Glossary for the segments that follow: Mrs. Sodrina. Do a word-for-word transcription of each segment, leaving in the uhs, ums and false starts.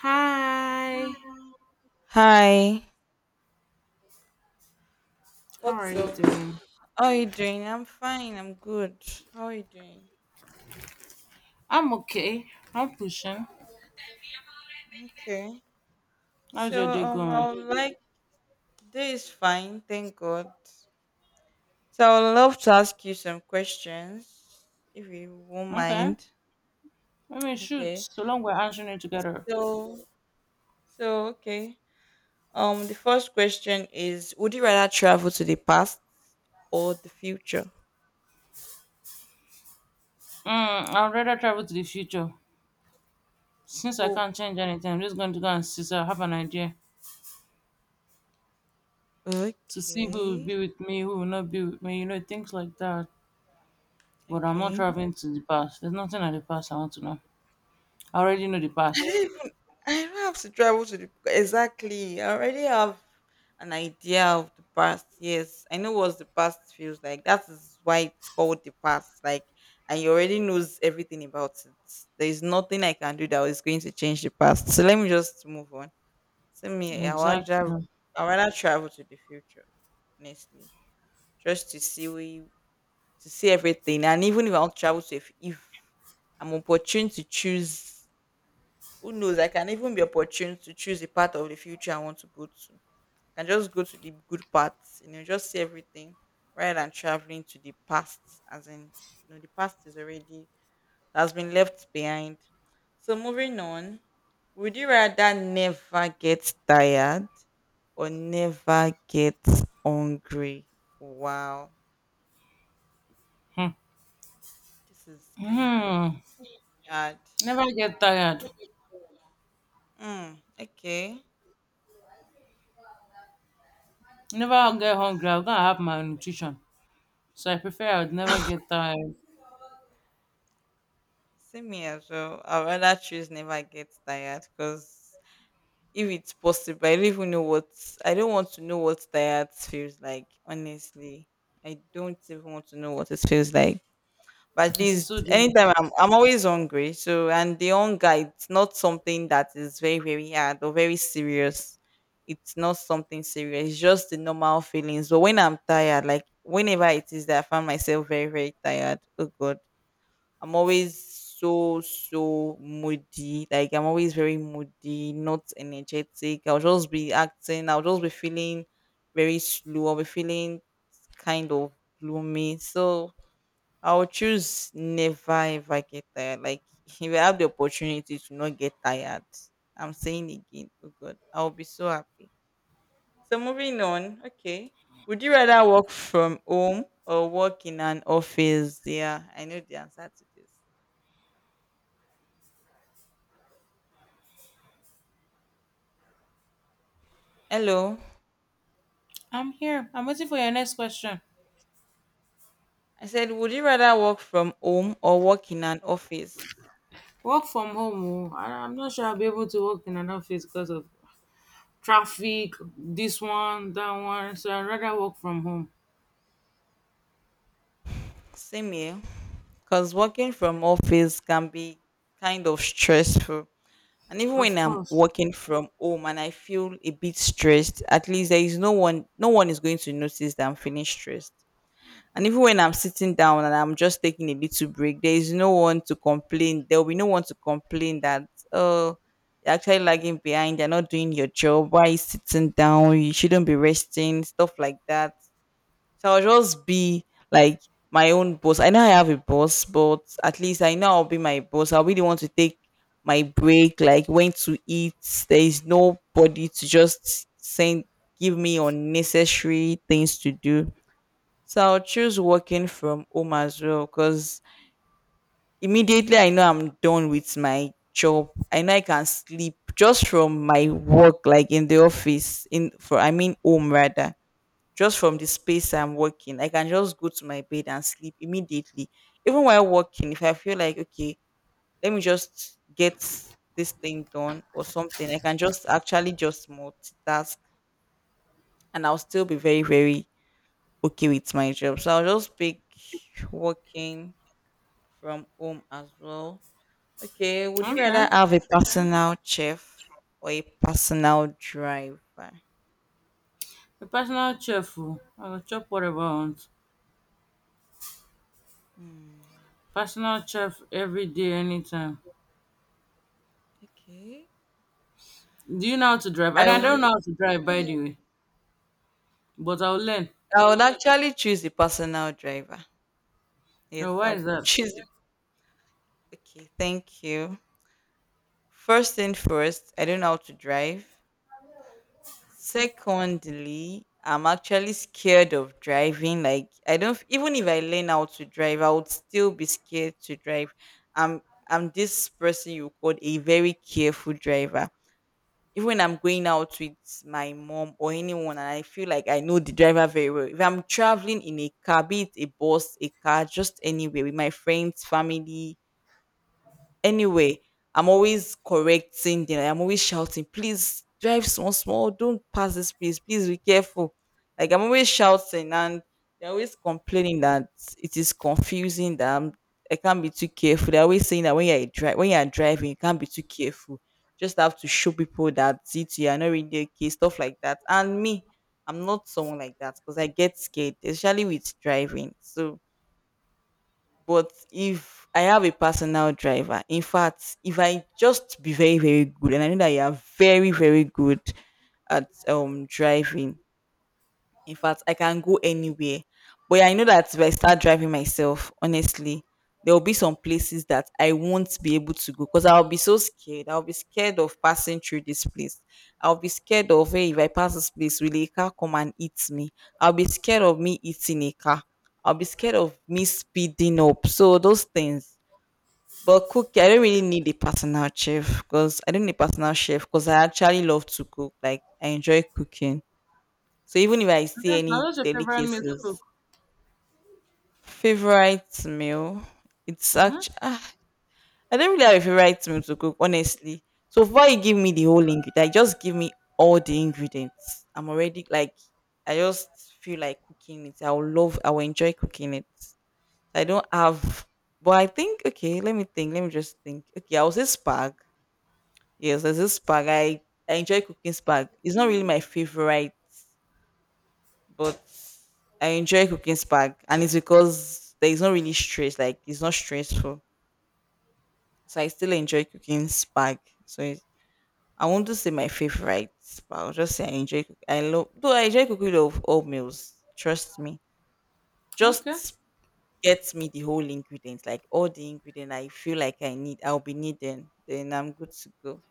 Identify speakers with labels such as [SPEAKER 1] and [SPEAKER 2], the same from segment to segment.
[SPEAKER 1] Hi,
[SPEAKER 2] Hi.
[SPEAKER 1] how are
[SPEAKER 2] What's
[SPEAKER 1] you
[SPEAKER 2] up? How
[SPEAKER 1] doing?
[SPEAKER 2] are you doing? I'm fine. I'm good. How are you doing?
[SPEAKER 1] I'm okay. I'm pushing.
[SPEAKER 2] Okay.
[SPEAKER 1] How's your
[SPEAKER 2] So
[SPEAKER 1] day
[SPEAKER 2] um
[SPEAKER 1] going?
[SPEAKER 2] I would like today is fine, thank God. So I would love to ask you some questions if you won't
[SPEAKER 1] Okay.
[SPEAKER 2] mind.
[SPEAKER 1] I mean, shoot,
[SPEAKER 2] Okay.
[SPEAKER 1] so long we're answering it together.
[SPEAKER 2] So so okay. Um the first question is, would you rather travel to the past or the future?
[SPEAKER 1] Mm, I'd rather travel to the future. Since I
[SPEAKER 2] Oh.
[SPEAKER 1] can't change anything, I'm just going to go and see, so I have an idea to see who will be
[SPEAKER 2] Okay.
[SPEAKER 1] with me, who will not be with me, you know, things like that. But I'm not
[SPEAKER 2] Okay.
[SPEAKER 1] traveling to the past. There's nothing at the past I want to know. I already know the past.
[SPEAKER 2] I don't have to travel to the exactly. I already have an idea of the past. Yes, I know what the past feels like. That is why it's called the past. Like, and you already knows everything about it. There is nothing I can do that is going to change the past. So let me just move on. So me, I want to,
[SPEAKER 1] Exactly.
[SPEAKER 2] I rather travel to the future, honestly, just to see we to see everything. And even if I'll travel to, if, if I'm opportune to choose who knows? I can even be opportune to choose the part of the future I want to go to. I can just go to the good parts, you know, just see everything rather than traveling to the past, as in, you know, the past is already has been left behind. So moving on, would you rather never get tired or never get hungry? Wow,
[SPEAKER 1] Hmm.
[SPEAKER 2] this is kind of
[SPEAKER 1] Hmm.
[SPEAKER 2] hard.
[SPEAKER 1] Never get tired.
[SPEAKER 2] Mm, okay.
[SPEAKER 1] Never get hungry. I'm gonna have my nutrition. So I prefer I would never get tired.
[SPEAKER 2] Same here as well. I'd rather choose never get tired because if it's possible, I don't even know what I don't want to know what tired feels like. Honestly, I don't even want to know what it feels like. But at
[SPEAKER 1] Missus
[SPEAKER 2] least
[SPEAKER 1] Sodrina,
[SPEAKER 2] anytime I'm I'm always hungry. So and the hunger it's not something that is very very hard or very serious. It's not something serious. It's just the normal feelings. But when I'm tired, like whenever it is that I find myself very very tired. Oh God. I'm always so so moody. Like I'm always very moody, not energetic. I'll just be acting. I'll just be feeling very slow. I'll be feeling kind of gloomy. So I'll choose never ever get tired. Like if I have the opportunity to not get tired, I'm saying again, oh God, I'll be so happy. So moving on, okay. Would you rather work from home or work in an office? Yeah, I know the answer to this. Hello.
[SPEAKER 1] I'm here. I'm waiting for your next question.
[SPEAKER 2] I said, would you rather work from home or work in an office?
[SPEAKER 1] Work from home. Oh. I- I'm not sure I'll be able to work in an office because of traffic, this one, that one. So I'd rather work from home.
[SPEAKER 2] Same here, because working from office can be kind of stressful. And even when
[SPEAKER 1] Of
[SPEAKER 2] I'm
[SPEAKER 1] course.
[SPEAKER 2] working from home and I feel a bit stressed, at least there is no one, no one is going to notice that I'm feeling stressed. And even when I'm sitting down and I'm just taking a little break, there is no one to complain. There will be no one to complain that, oh, you're actually lagging behind, you're not doing your job, why are you sitting down, you shouldn't be resting, stuff like that. So I'll just be like my own boss. I know I have a boss, but at least I know I'll be my boss. I'll be the one to take my break, like when to eat. There is nobody to just send give me unnecessary things to do. So I'll choose working from home as well because immediately I know I'm done with my job. I know I can sleep just from my work, like in the office, in for I mean home rather just from the space I'm working. I can just go to my bed and sleep immediately. Even while working, if I feel like, okay, let me just get this thing done or something, I can just actually just multitask and I'll still be very, very okay with my job. So I'll just pick working from home as well. Okay, would you
[SPEAKER 1] Okay.
[SPEAKER 2] rather have a personal chef or a personal driver?
[SPEAKER 1] A personal chef. Oh. I will chop whatever I want.
[SPEAKER 2] Hmm.
[SPEAKER 1] Personal chef every day, anytime.
[SPEAKER 2] Okay.
[SPEAKER 1] Do you know how to drive? And
[SPEAKER 2] I
[SPEAKER 1] I don't know
[SPEAKER 2] would.
[SPEAKER 1] how to drive, by the way. But I'll learn.
[SPEAKER 2] I would actually choose a personal driver. Yes,
[SPEAKER 1] Oh, why
[SPEAKER 2] I would
[SPEAKER 1] is that?
[SPEAKER 2] choose. It. Okay, thank you. First thing first, I don't know how to drive. Secondly, I'm actually scared of driving. Like I don't even if I learn how to drive, I would still be scared to drive. I'm I'm this person you called a very careful driver. Even when I'm going out with my mom or anyone and I feel like I know the driver very well. If I'm traveling in a car, be it a bus, a car, just anywhere with my friends, family, anyway, I'm always correcting them. Like, I'm always shouting, please drive small, small. Don't pass this place. Please be careful. Like I'm always shouting and they're always complaining that it is confusing that I'm, I can't be too careful. They're always saying that when you're dri- when you're driving, you can't be too careful. Just have to show people that it you are not really okay, stuff like that. And me, I'm not someone like that because I get scared, especially with driving. So but if I have a personal driver, in fact, if I just be very, very very, very good, good and I know that you are very, very good at um driving. In fact, I can go anywhere. But yeah, I know that if I start driving myself, honestly, there will be some places that I won't be able to go because I'll be so scared. I'll be scared of passing through this place. I'll be scared of, hey, if I pass this place, will a car come and eat me? I'll be scared of me eating a car. I'll be scared of me speeding up. So those things. But cooking, I don't really need a personal chef because I don't need a personal chef because I actually love to cook. Like I enjoy cooking. So even if I see
[SPEAKER 1] That's not
[SPEAKER 2] any
[SPEAKER 1] what's your favorite meal to cook.
[SPEAKER 2] delicacies, favorite meal, it's
[SPEAKER 1] Mm-hmm.
[SPEAKER 2] actually ah, I don't really have a favorite meal to cook, honestly. So before you give me the whole ingredient, like, just give me all the ingredients. I'm already like I just feel like cooking it. I will love I will enjoy cooking it. I don't have but I think okay, let me think. Let me just think. Okay, I will say spag. Yes, there's this spag. I, I enjoy cooking spag. It's not really my favorite but I enjoy cooking spag, and it's because there is not really stress. Like it's not stressful, so I still enjoy cooking spag. So it, I want to say my favorite, but I'll just say I enjoy. cook- I love. Though I enjoy cooking all, all meals. Trust me.
[SPEAKER 1] Okay.
[SPEAKER 2] Just get me the whole ingredients, like all the ingredient I feel like I need. I'll be needing. Then I'm good to go.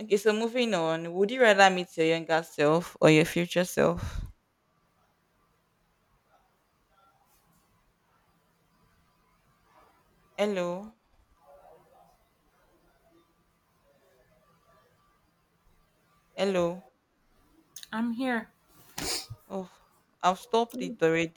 [SPEAKER 2] Okay, so moving on. Would you rather meet your younger self or your future self? Hello, hello.
[SPEAKER 1] I'm here.
[SPEAKER 2] Oh, I've stopped it already.